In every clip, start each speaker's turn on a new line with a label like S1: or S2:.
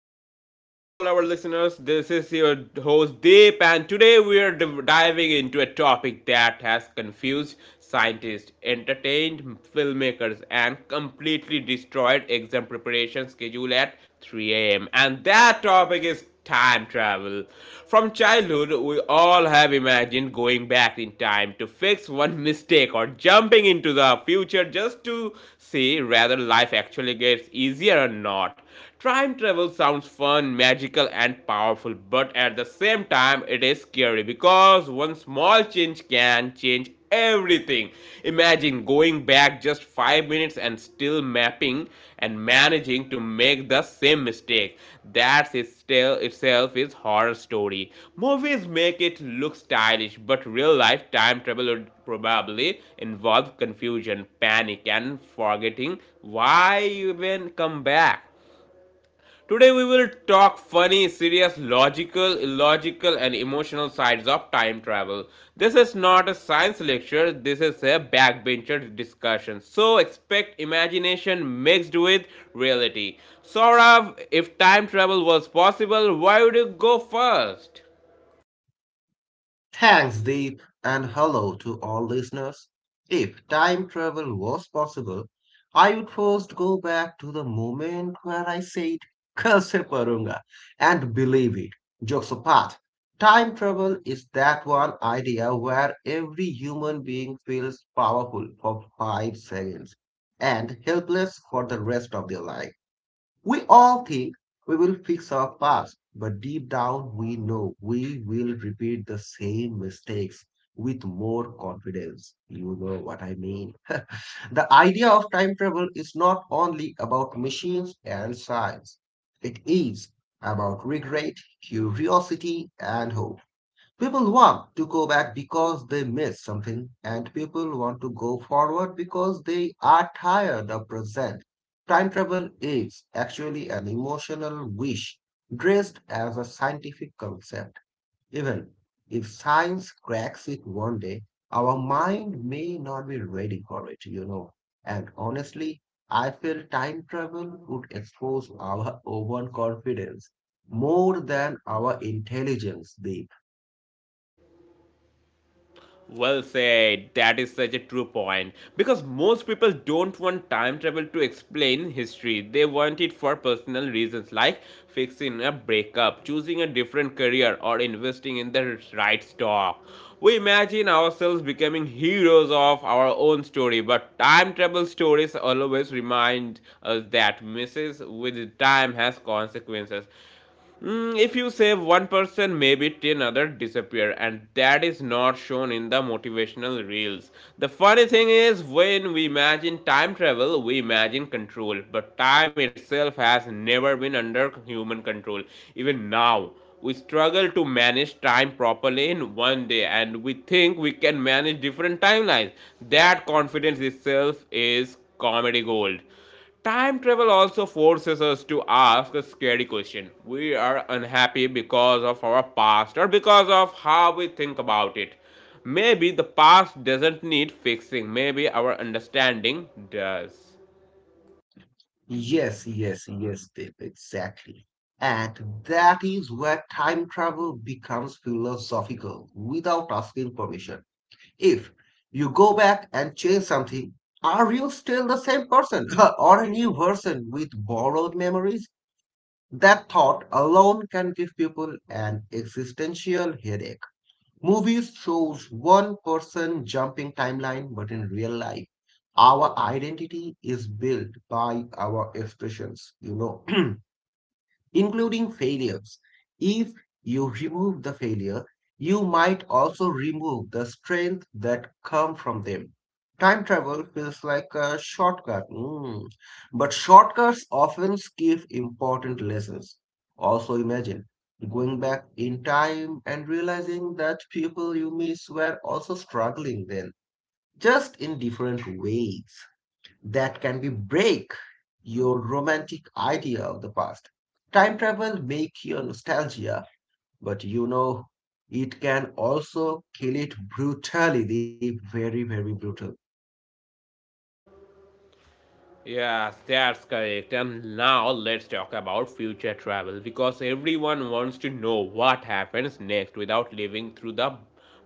S1: back to all our listeners. This is your host Deep, and today we are diving into a topic that has confused scientists, entertained filmmakers, and completely destroyed exam preparation schedule at 3 a.m. And that topic is time travel. From childhood, we all have imagined going back in time to fix one mistake or jumping into the future just to see whether life actually gets easier or not. Time travel sounds fun, magical, and powerful, but at the same time, it is scary because one small change can change everything. Imagine going back just 5 minutes and still mapping and managing to make the same mistake. That itself is horror story. Movies make it look stylish, but real life time travel would probably involve confusion, panic and forgetting why you even come back. Today we will talk funny, serious, logical, illogical and emotional sides of time travel. This is not a science lecture, this is a backbencher discussion. So expect imagination mixed with reality. Saurav, if time travel was possible, why would you go first?
S2: Thanks, Deep, and hello to all listeners. If time travel was possible, I would first go back to the moment where I said, Kal se parunga, and believe it. Jokes apart, time travel is that one idea where every human being feels powerful for 5 seconds and helpless for the rest of their life. We all think we will fix our past, but deep down we know we will repeat the same mistakes with more confidence. You know what I mean. The idea of time travel is not only about machines and science, it is about regret, curiosity, and hope. People want to go back because they miss something, and people want to go forward because they are tired of present. Time travel is actually an emotional wish dressed as a scientific concept. Even if science cracks it one day, our mind may not be ready for it, you know. And honestly, I feel time travel would expose our overconfidence more than our intelligence these.
S1: Well said. That is such a true point. Because most people don't want time travel to explain history. They want it for personal reasons like fixing a breakup, choosing a different career, or investing in the right stock. We imagine ourselves becoming heroes of our own story, but time travel stories always remind us that misses with time has consequences. Mm, if you save one person, maybe 10 others disappear, and that is not shown in the motivational reels. The funny thing is, when we imagine time travel, we imagine control, but time itself has never been under human control. Even now, we struggle to manage time properly in one day, and we think we can manage different timelines. That confidence itself is comedy gold. Time travel also forces us to ask a scary question. We are unhappy because of our past or because of how we think about it. Maybe the past doesn't need fixing, maybe our understanding does.
S2: Yes, Dave, exactly. And that is where time travel becomes philosophical without asking permission. If you go back and change something, are you still the same person or a new person with borrowed memories? That thought alone can give people an existential headache. Movies shows one person jumping timeline, but in real life, our identity is built by our expressions, you know. Including failures. If you remove the failure, you might also remove the strength that come from them. Time travel feels like a shortcut, but shortcuts often give important lessons. Also, imagine going back in time and realizing that people you miss were also struggling then, just in different ways that can be break your romantic idea of the past. Time travel make your nostalgia, but you know it can also kill it brutally, Deep. Very, very brutal.
S1: Yes, that's correct. And now let's talk about future travel because everyone wants to know what happens next without living through the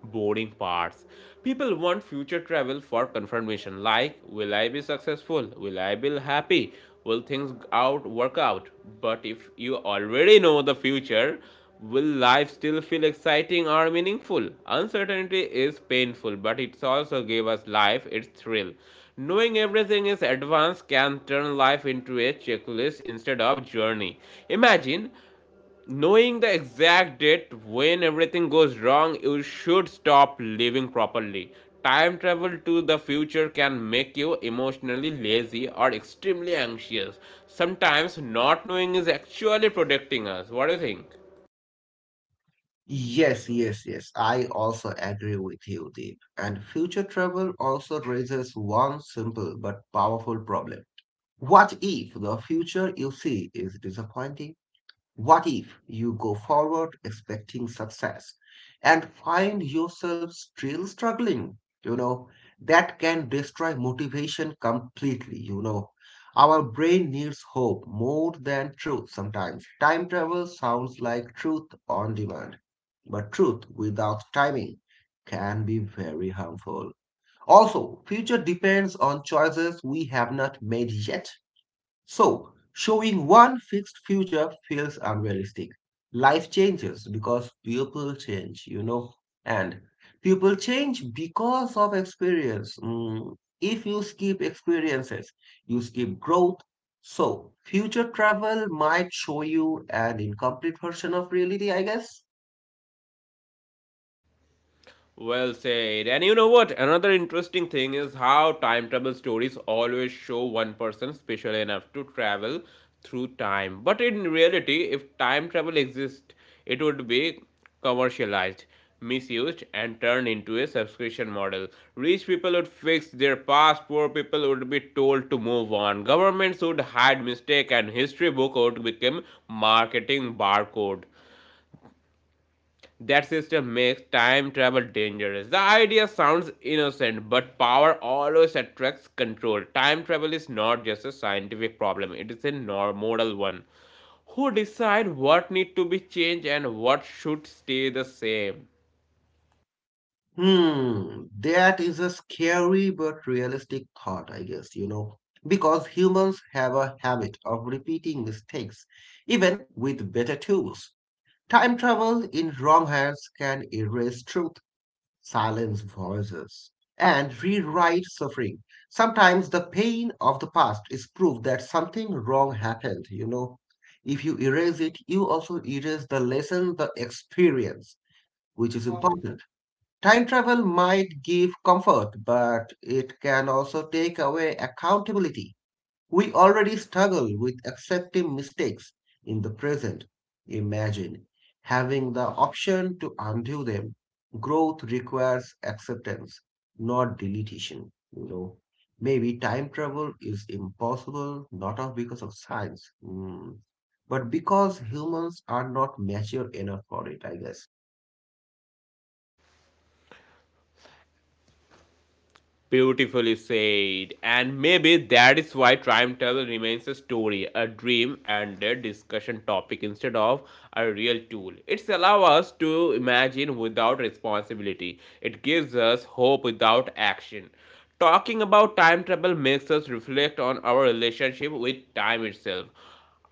S1: boring parts. People want future travel for confirmation like will I be successful? Will I be happy? Will things out work out? But if you already know the future, will life still feel exciting or meaningful? Uncertainty is painful, but it also gave us life its thrill. Knowing everything is advanced can turn life into a checklist instead of journey. Imagine knowing the exact date when everything goes wrong, you should stop living properly. Time travel to the future can make you emotionally lazy or extremely anxious. Sometimes not knowing is actually protecting us. What do you think?
S2: Yes. I also agree with you, Deep. And future travel also raises one simple but powerful problem. What if the future you see is disappointing? What if you go forward expecting success and find yourself still struggling? You know, that can destroy motivation completely. You know, our brain needs hope more than truth sometimes. Time travel sounds like truth on demand, but truth without timing can be very harmful. Also, future depends on choices we have not made yet. So, showing one fixed future feels unrealistic. Life changes because people change, you know, and people change because of experience. If you skip experiences, you skip growth. So, future travel might show you an incomplete version of reality, I guess.
S1: Well said. And you know what? Another interesting thing is how time travel stories always show one person special enough to travel through time. But in reality, if time travel exists, it would be commercialized, misused, and turned into a subscription model. Rich people would fix their past, poor people would be told to move on. Governments would hide mistake, and history book would become marketing barcode. That system makes time travel dangerous. The idea sounds innocent, but power always attracts control. Time travel is not just a scientific problem, it is a moral one. Who decide what need to be changed and what should stay the same?
S2: Hmm, that is a scary but realistic thought, I guess, you know, because humans have a habit of repeating mistakes, even with better tools. Time travel in wrong hands can erase truth, silence voices, and rewrite suffering. Sometimes the pain of the past is proof that something wrong happened, you know. If you erase it, you also erase the lesson, the experience, which is important. Time travel might give comfort, but it can also take away accountability. We already struggle with accepting mistakes in the present. Imagine having the option to undo them. Growth requires acceptance, not deletion. You know, maybe time travel is impossible not of because of science, but because humans are not mature enough for it, I guess.
S1: Beautifully said. And maybe that is why time travel remains a story, a dream, and a discussion topic instead of a real tool. It's allow us to imagine without responsibility. It gives us hope without action. Talking about time travel makes us reflect on our relationship with time itself.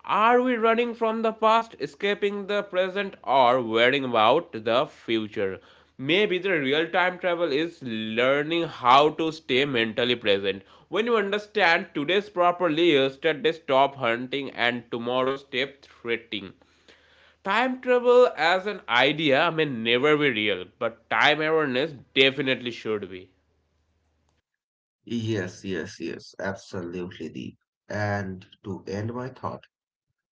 S1: Are we running from the past, escaping the present, or worrying about the future? Maybe the real time travel is learning how to stay mentally present. When you understand today's properly, yesterday stop hunting and tomorrow stop threatening. Time travel as an idea may never be real, but time awareness definitely should be.
S2: Yes, absolutely, Deep. And to end my thought,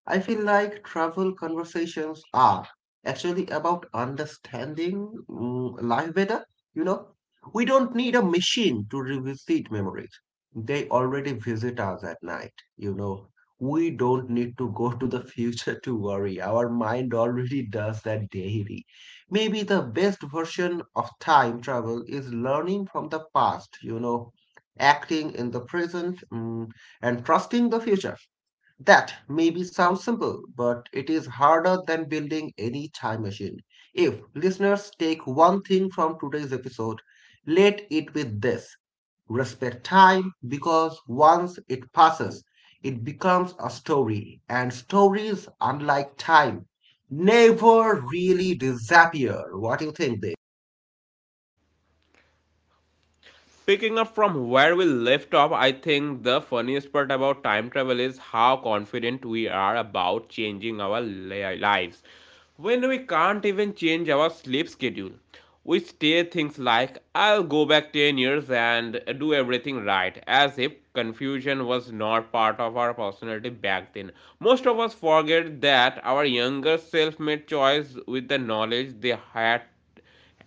S2: I feel like travel conversations are actually about understanding life better. You know, we don't need a machine to revisit memories. They already visit us at night. You know, we don't need to go to the future to worry. Our mind already does that daily. Maybe the best version of time travel is learning from the past, you know, acting in the present, and trusting the future. That maybe sounds simple, but it is harder than building any time machine. If listeners take one thing from today's episode, let it with this. Respect time because once it passes, it becomes a story, and stories, unlike time, never really disappear. What do you think, Dave?
S1: Picking up from where we left off, I think the funniest part about time travel is how confident we are about changing our lives. When we can't even change our sleep schedule, we say things like, I'll go back 10 years and do everything right, as if confusion was not part of our personality back then. Most of us forget that our younger self made choice with the knowledge they had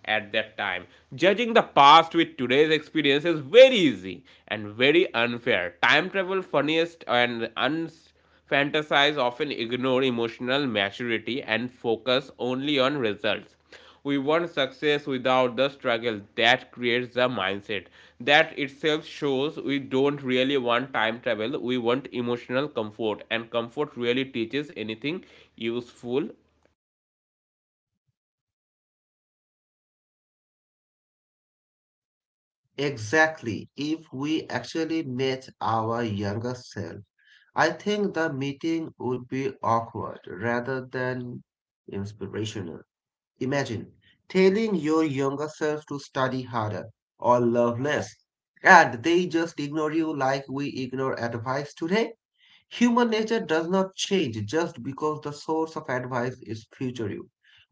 S1: at that time. Judging the past with today's experience is very easy and very unfair. Time travel, funniest and unfantasized, often ignore emotional maturity and focus only on results. We want success without the struggle. That creates the mindset. That itself shows we don't really want time travel. We want emotional comfort, and comfort really teaches anything useful.
S2: Exactly. If we actually met our younger self, I think the meeting would be awkward rather than inspirational. Imagine telling your younger self to study harder or love less, and they just ignore you like we ignore advice today. Human nature does not change just because the source of advice is future.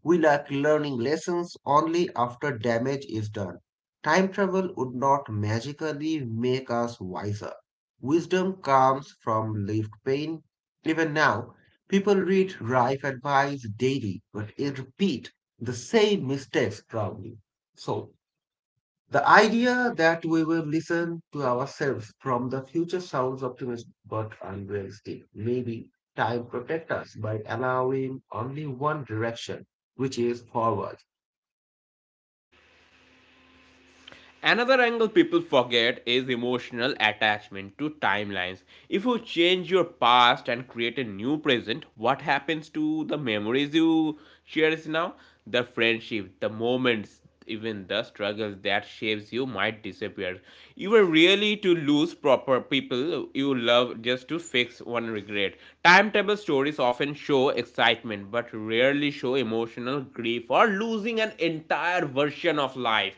S2: We like learning lessons only after damage is done. Time travel would not magically make us wiser. Wisdom comes from lived pain. Even now, people read life advice daily, but it repeat the same mistakes probably. So the idea that we will listen to ourselves from the future sounds optimistic but unrealistic. Maybe time protects us by allowing only one direction, which is forward.
S1: Another angle people forget is emotional attachment to timelines. If you change your past and create a new present, what happens to the memories you cherish now? The friendship, the moments, even the struggles that shapes you might disappear. You were really to lose proper people you love just to fix one regret. Timetable stories often show excitement but rarely show emotional grief or losing an entire version of life.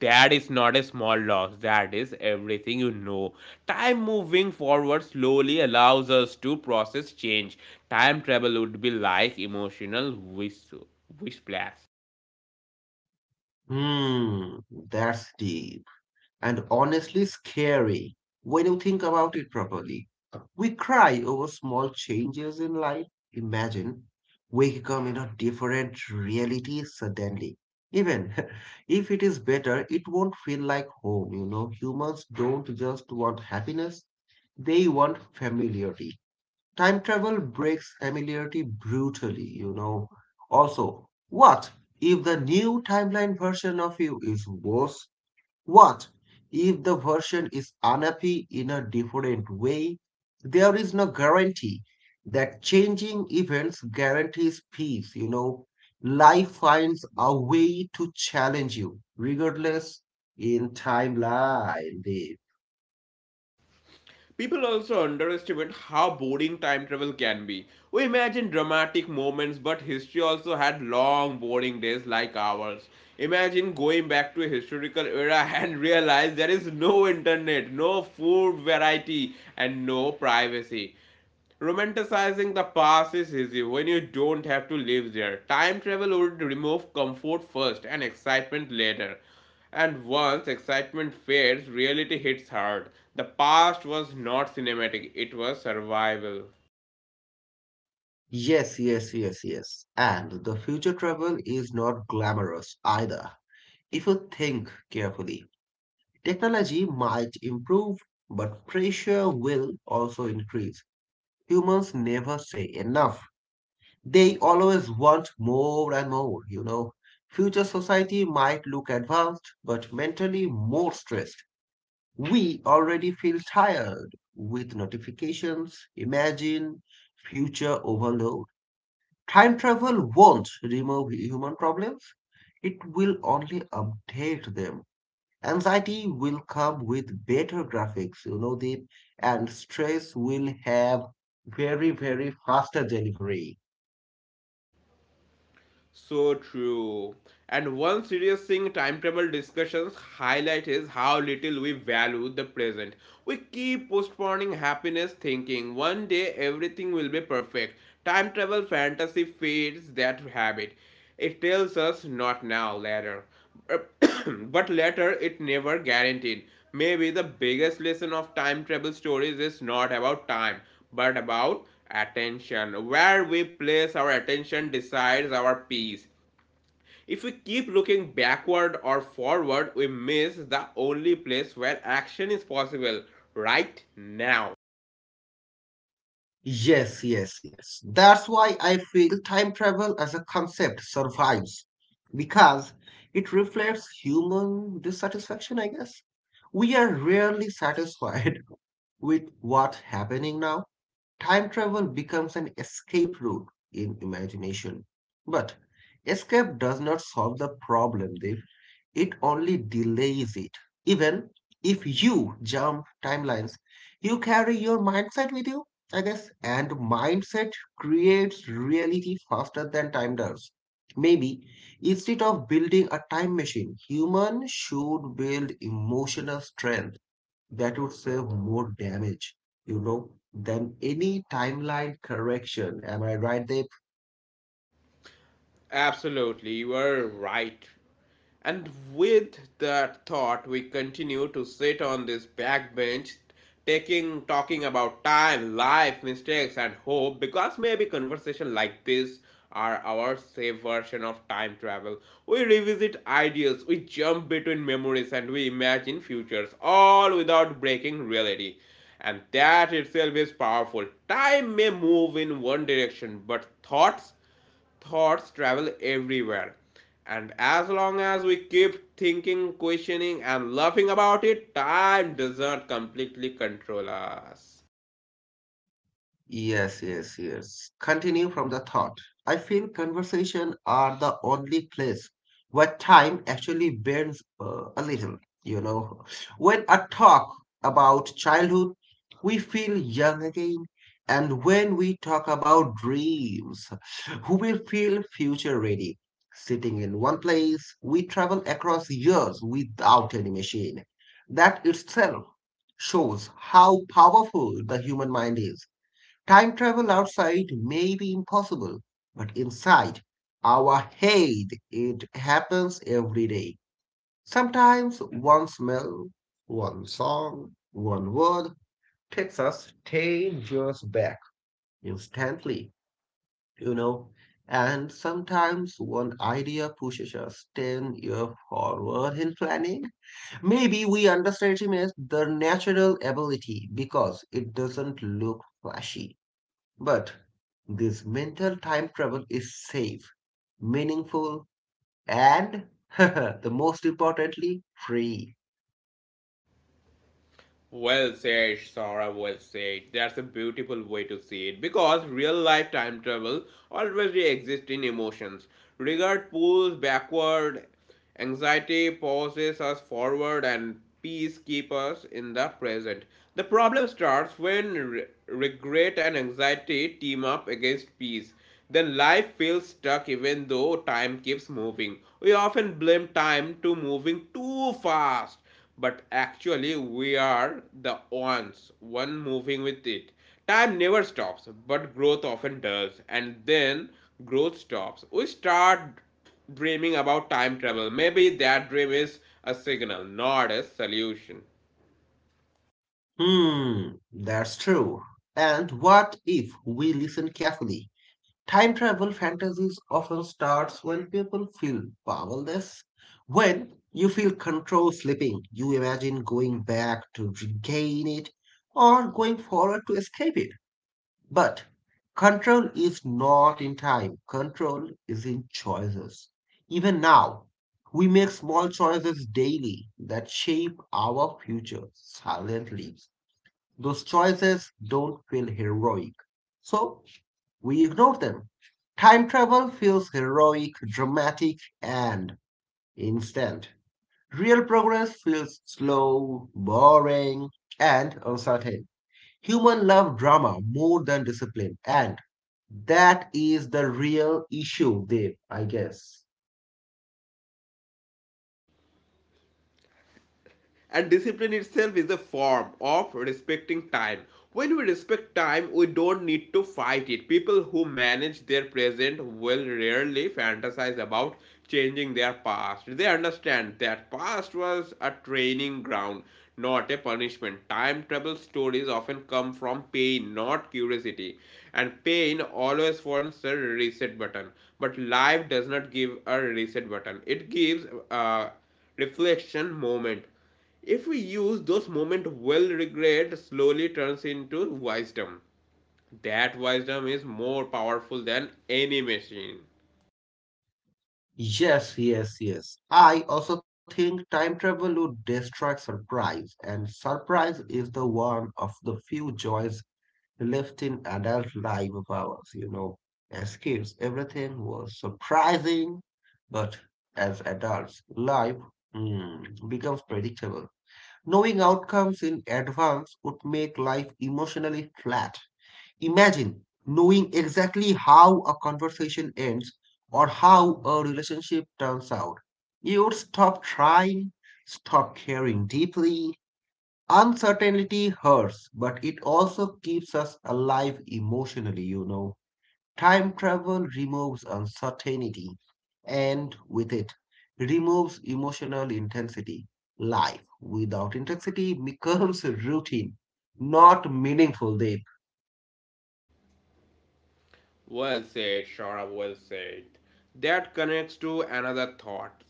S1: That is not a small loss, that is everything you know. Time moving forward slowly allows us to process change. Time travel would be like emotional wish, wish flash.
S2: Hmm, that's deep. And honestly scary when you think about it properly. We cry over small changes in life. Imagine waking up in a different reality suddenly. Even if it is better, it won't feel like home, you know. Humans don't just want happiness, they want familiarity. Time travel breaks familiarity brutally, you know. Also, what if the new timeline version of you is worse, what if the version is unhappy in a different way? There is no guarantee that changing events guarantees peace, you know. Life finds a way to challenge you, regardless in timeline. Dave.
S1: People also underestimate how boring time travel can be. We imagine dramatic moments, but history also had long, boring days like ours. Imagine going back to a historical era and realize there is no internet, no food variety, and no privacy. Romanticizing the past is easy when you don't have to live there. Time travel would remove comfort first and excitement later. And once excitement fades, reality hits hard. The past was not cinematic, it was survival.
S2: Yes. And the future travel is not glamorous either. If you think carefully, technology might improve, but pressure will also increase. Humans never say enough. They always want more and more, you know. Future society might look advanced, but mentally more stressed. We already feel tired with notifications. Imagine future overload. Time travel won't remove human problems, it will only update them. Anxiety will come with better graphics, you know, that, and stress will have very, very faster delivery.
S1: So true. And one serious thing time travel discussions highlight is how little we value the present. We keep postponing happiness, thinking one day everything will be perfect. Time travel fantasy feeds that habit. It tells us not now, later. But later it never guaranteed. Maybe the biggest lesson of time travel stories is not about time, but about attention. Where we place our attention decides our peace. If we keep looking backward or forward, we miss the only place where action is possible right now.
S2: Yes. That's why I feel time travel as a concept survives because it reflects human dissatisfaction, I guess. We are rarely satisfied with what's happening now. Time travel becomes an escape route in imagination. But escape does not solve the problem, Dev. It only delays it. Even if you jump timelines, you carry your mindset with you, I guess. And mindset creates reality faster than time does. Maybe instead of building a time machine, human should build emotional strength that would save more damage, you know, than any timeline correction. Am I right, David?
S1: Absolutely, you are right. And with that thought, we continue to sit on this backbench, taking talking about time, life, mistakes, and hope, because maybe conversation like this are our safe version of time travel. We revisit ideas, we jump between memories, and we imagine futures, all without breaking reality. And that itself is powerful. Time may move in one direction, but thoughts travel everywhere. And as long as we keep thinking, questioning, and laughing about it, time doesn't completely control us.
S2: Yes. Continue from the thought. I feel conversation are the only place where time actually bends a little, you know. When I talk about childhood, we feel young again. And when we talk about dreams, we feel future ready. Sitting in one place, we travel across years without any machine. That itself shows how powerful the human mind is. Time travel outside may be impossible, but inside our head it happens every day. Sometimes one smell, one song, one word takes us 10 years back instantly, you know. And sometimes one idea pushes us 10 years forward in planning. Maybe we underestimate the natural ability because it doesn't look flashy. But this mental time travel is safe, meaningful, and the most importantly, free.
S1: Well said, Sora, well said. That's a beautiful way to see it because real life time travel always exists in emotions. Regret pulls backward, anxiety pushes us forward, and peace keeps us in the present. The problem starts when regret and anxiety team up against peace, then life feels stuck even though time keeps moving. We often blame time to moving too fast, but actually we are the ones one moving with it. Time never stops, but growth often does, and then growth stops. We start dreaming about time travel. Maybe that dream is a signal, not a solution.
S2: Hmm, that's true. And what if we listen carefully? Time travel fantasies often starts when people feel powerless. When you feel control slipping, you imagine going back to regain it or going forward to escape it. But control is not in time, control is in choices. Even now, we make small choices daily that shape our future silently. Those choices don't feel heroic, so we ignore them. Time travel feels heroic, dramatic, and instant. Real progress feels slow, boring, and uncertain. Human love drama more than discipline, and that is the real issue there, I guess.
S1: And discipline itself is a form of respecting time. When we respect time, we don't need to fight it. People who manage their present will rarely fantasize about changing their past. They understand that past was a training ground, not a punishment. Time travel stories often come from pain, not curiosity. And pain always wants a reset button. But life does not give a reset button, it gives a reflection moment if we use those moments well, regret slowly turns into wisdom. That wisdom is more powerful than any machine.
S2: Yes. I also think time travel would destroy surprise, and surprise is the one of the few joys left in adult life of ours, you know. As kids, everything was surprising, but as adults, life becomes predictable. Knowing outcomes in advance would make life emotionally flat. Imagine knowing exactly how a conversation ends or how a relationship turns out. You would stop trying, stop caring deeply. Uncertainty hurts, but it also keeps us alive emotionally, you know. Time travel removes uncertainty and with it removes emotional intensity. Life without intensity becomes routine, not meaningful deep.
S1: Well said, Shara, well said. That connects to another thought.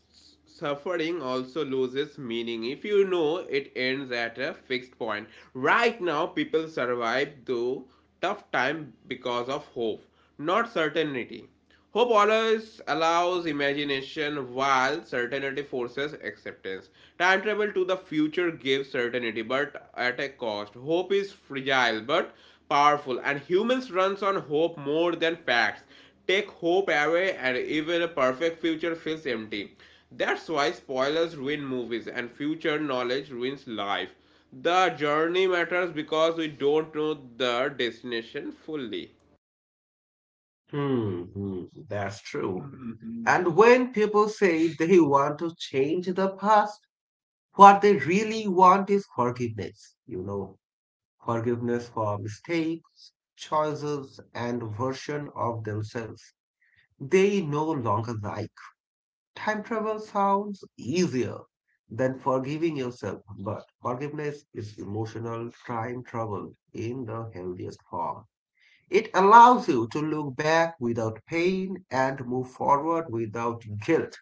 S1: Suffering also loses meaning if you know it ends at a fixed point. Right now, people survive through tough time because of hope, not certainty. Hope always allows imagination while certainty forces acceptance. Time travel to the future gives certainty but at a cost. Hope is fragile but powerful and humans runs on hope more than facts. Take hope away and even a perfect future feels empty. That's why spoilers ruin movies and future knowledge ruins life. The journey matters because we don't know the destination fully.
S2: Hmm, that's true. And when people say they want to change the past, what they really want is forgiveness. You know, forgiveness for mistakes, choices, and version of themselves they no longer like. Time travel sounds easier than forgiving yourself, but forgiveness is emotional time travel in the healthiest form. It allows you to look back without pain and move forward without guilt.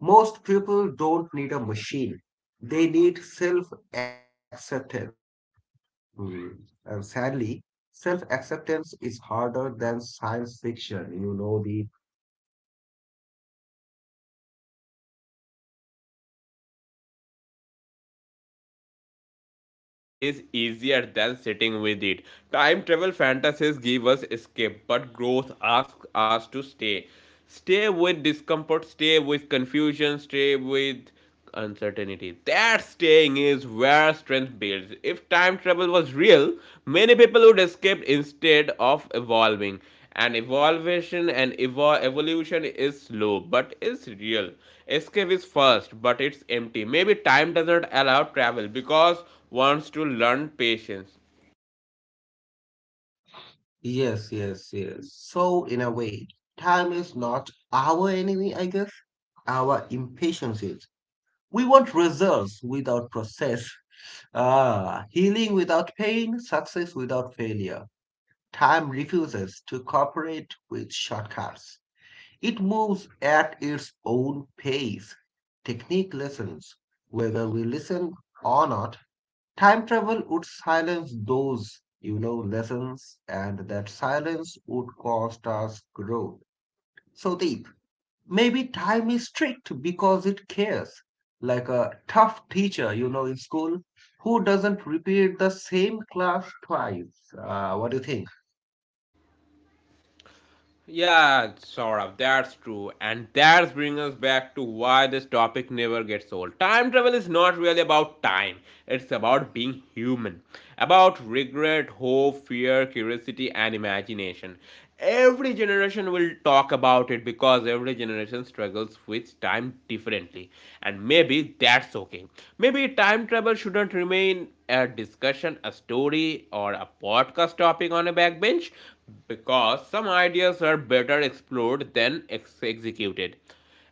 S2: Most people don't need a machine, they need self acceptance. And sadly, self acceptance is harder than science fiction. You know, the
S1: That is such an honest truth because running from the past is easier than sitting with it. Time travel fantasies give us escape, but growth asks us to stay. Stay with discomfort, stay with confusion, stay with uncertainty. That staying is where strength builds. If time travel was real, many people would escape instead of evolving and evolution and evolution is slow but is real, escape is fast but it's empty. Maybe time doesn't allow travel because wants to learn patience.
S2: Yes. So, in a way, time is not our enemy, I guess. Our impatience is. We want results without process, healing without pain, success without failure. Time refuses to cooperate with shortcuts. It moves at its own pace. Technique lessons, whether we listen or not, time travel would silence those, you know, lessons, and that silence would cost us growth. So deep. Maybe time is strict because it cares. Like a tough teacher, you know, in school, who doesn't repeat the same class twice. What do you think?
S1: Yeah, sort of. That's true. And that's bring us back to why this topic never gets old. Time travel is not really about time. It's about being human. About regret, hope, fear, curiosity, and imagination. Every generation will talk about it because every generation struggles with time differently and maybe that's okay. Maybe time travel shouldn't remain a discussion, a story, or a podcast topic on a backbench because some ideas are better explored than executed.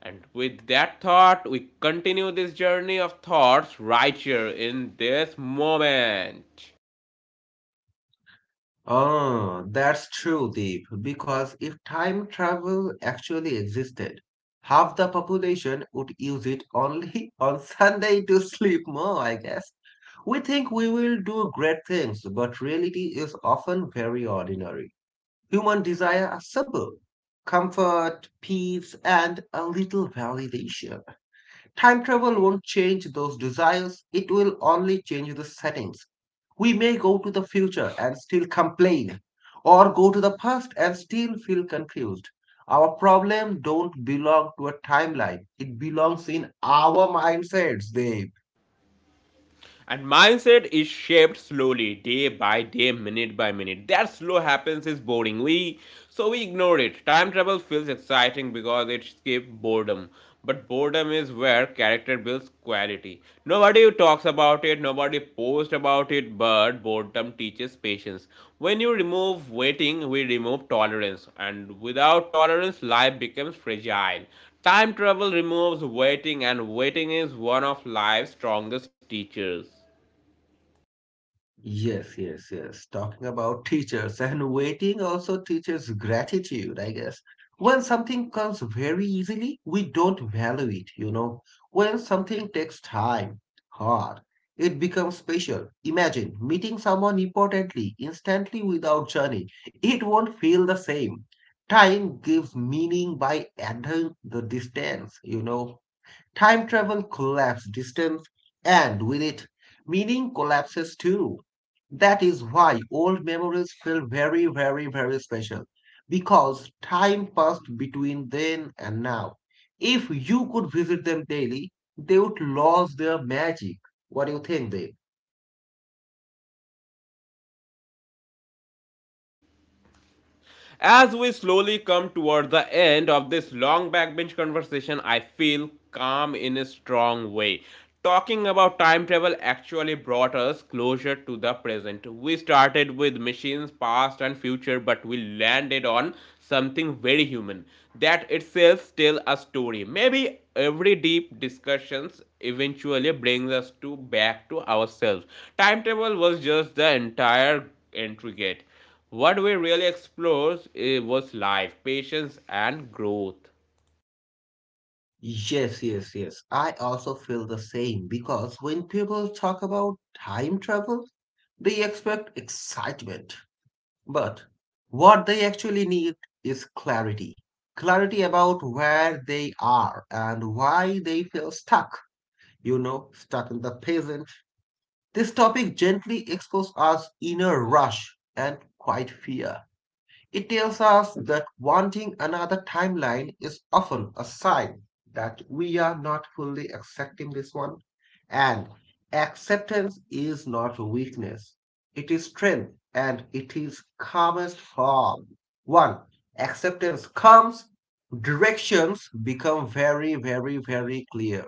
S1: And with that thought, we continue this journey of thoughts right here in this moment.
S2: Oh, that's true, Deep. Because if time travel actually existed, half the population would use it only on Sunday to sleep more, I guess. We think we will do great things, but reality is often very ordinary. Human desires are simple comfort, peace, and a little validation. Time travel won't change those desires, it will only change the settings. We may go to the future and still complain, or go to the past and still feel confused. Our problem don't belong to a timeline. It belongs in our mindsets, They.
S1: And mindset is shaped slowly, day by day, minute by minute. That slow happens is boring. We so we ignore it. Time travel feels exciting because it escapes boredom. But boredom is where character builds quality. Nobody talks about it, nobody posts about it, but boredom teaches patience. When you remove waiting, we remove tolerance. And without tolerance, life becomes fragile. Time travel removes waiting, and waiting is one of life's strongest teachers.
S2: Yes. Talking about teachers and waiting also teaches gratitude, I guess. When something comes very easily, we don't value it, you know. When something takes time, hard, it becomes special. Imagine meeting someone importantly, instantly without journey. It won't feel the same. Time gives meaning by adding the distance, you know. Time travel collapses distance, and with it, meaning collapses too. That is why old memories feel very, very, very special because time passed between then and now. If you could visit them daily, they would lose their magic. What do you think, Dave?
S1: As we slowly come toward the end of this long backbench conversation, I feel calm in a strong way. Talking about time travel actually brought us closer to the present. We started with machines, past and future, but we landed on something very human. That itself tells a story. Maybe every deep discussions eventually brings us to back to ourselves. Time travel was just the entire intricate. What we really explored was life, patience, and growth.
S2: Yes. I also feel the same because when people talk about time travel, they expect excitement. But what they actually need is clarity. Clarity about where they are and why they feel stuck. You know, stuck in the present. This topic gently exposes our inner rush and quiet fear. It tells us that wanting another timeline is often a sign that we are not fully accepting this one. And acceptance is not weakness, it is strength and it is calmest form. One, acceptance comes, directions become very, very, very clear.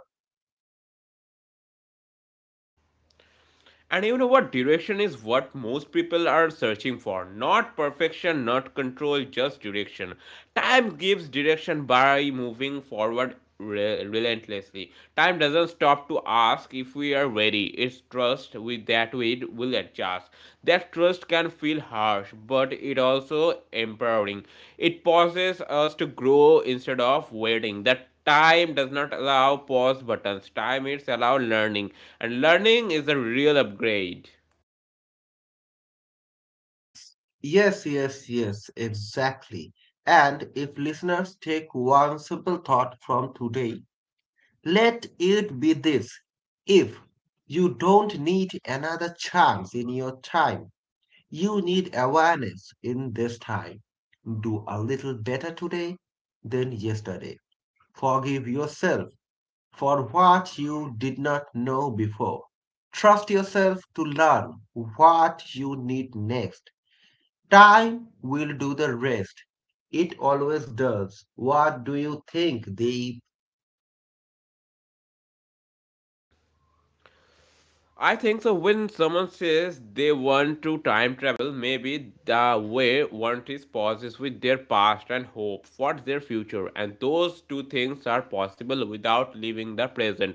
S1: And you know what? Direction is what most people are searching for. Not perfection, not control, just direction. Time gives direction by moving forward relentlessly. Time doesn't stop to ask if we are ready. It's trust with that we will adjust. That trust can feel harsh, but it also empowering. It pauses us to grow instead of waiting. That time does not allow pause buttons time it's allow learning and learning is a real upgrade.
S2: Yes, yes, exactly. And if listeners take one simple thought from today, let it be this. If you don't need another chance in your time, you need awareness in this time. Do a little better today than yesterday. Forgive yourself for what you did not know before. Trust yourself to learn what you need next. Time will do the rest. It always does. What do you think, Deep?
S1: I think so. When someone says they want to time travel, maybe the way one is pauses with their past and hope for their future, and those two things are possible without leaving the present.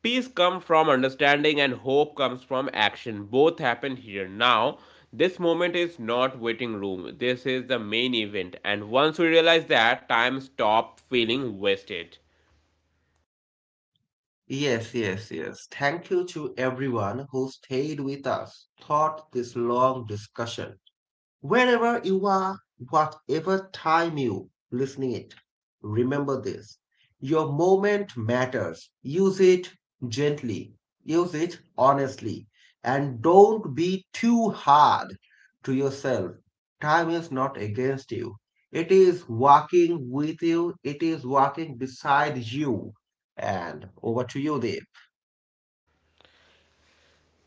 S1: Peace comes from understanding, and hope comes from action. Both happen here now. This moment is not waiting room. This is the main event, and once we realize that, time stops feeling wasted.
S2: Yes. Thank you to everyone who stayed with us throughout this long discussion. Wherever you are, whatever time you listening it, remember this. Your moment matters. Use it gently. Use it honestly. And don't be too hard to yourself. Time is not against you. It is walking with you. It is walking beside you. And over to you, Dave.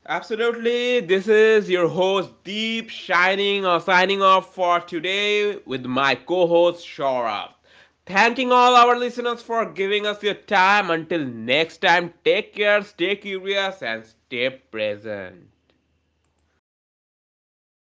S1: Absolutely. This is your host Deep Shining or signing off for today with my co-host Shora. Thanking all our listeners for giving us your time. Until next time, take care, stay curious, and stay present.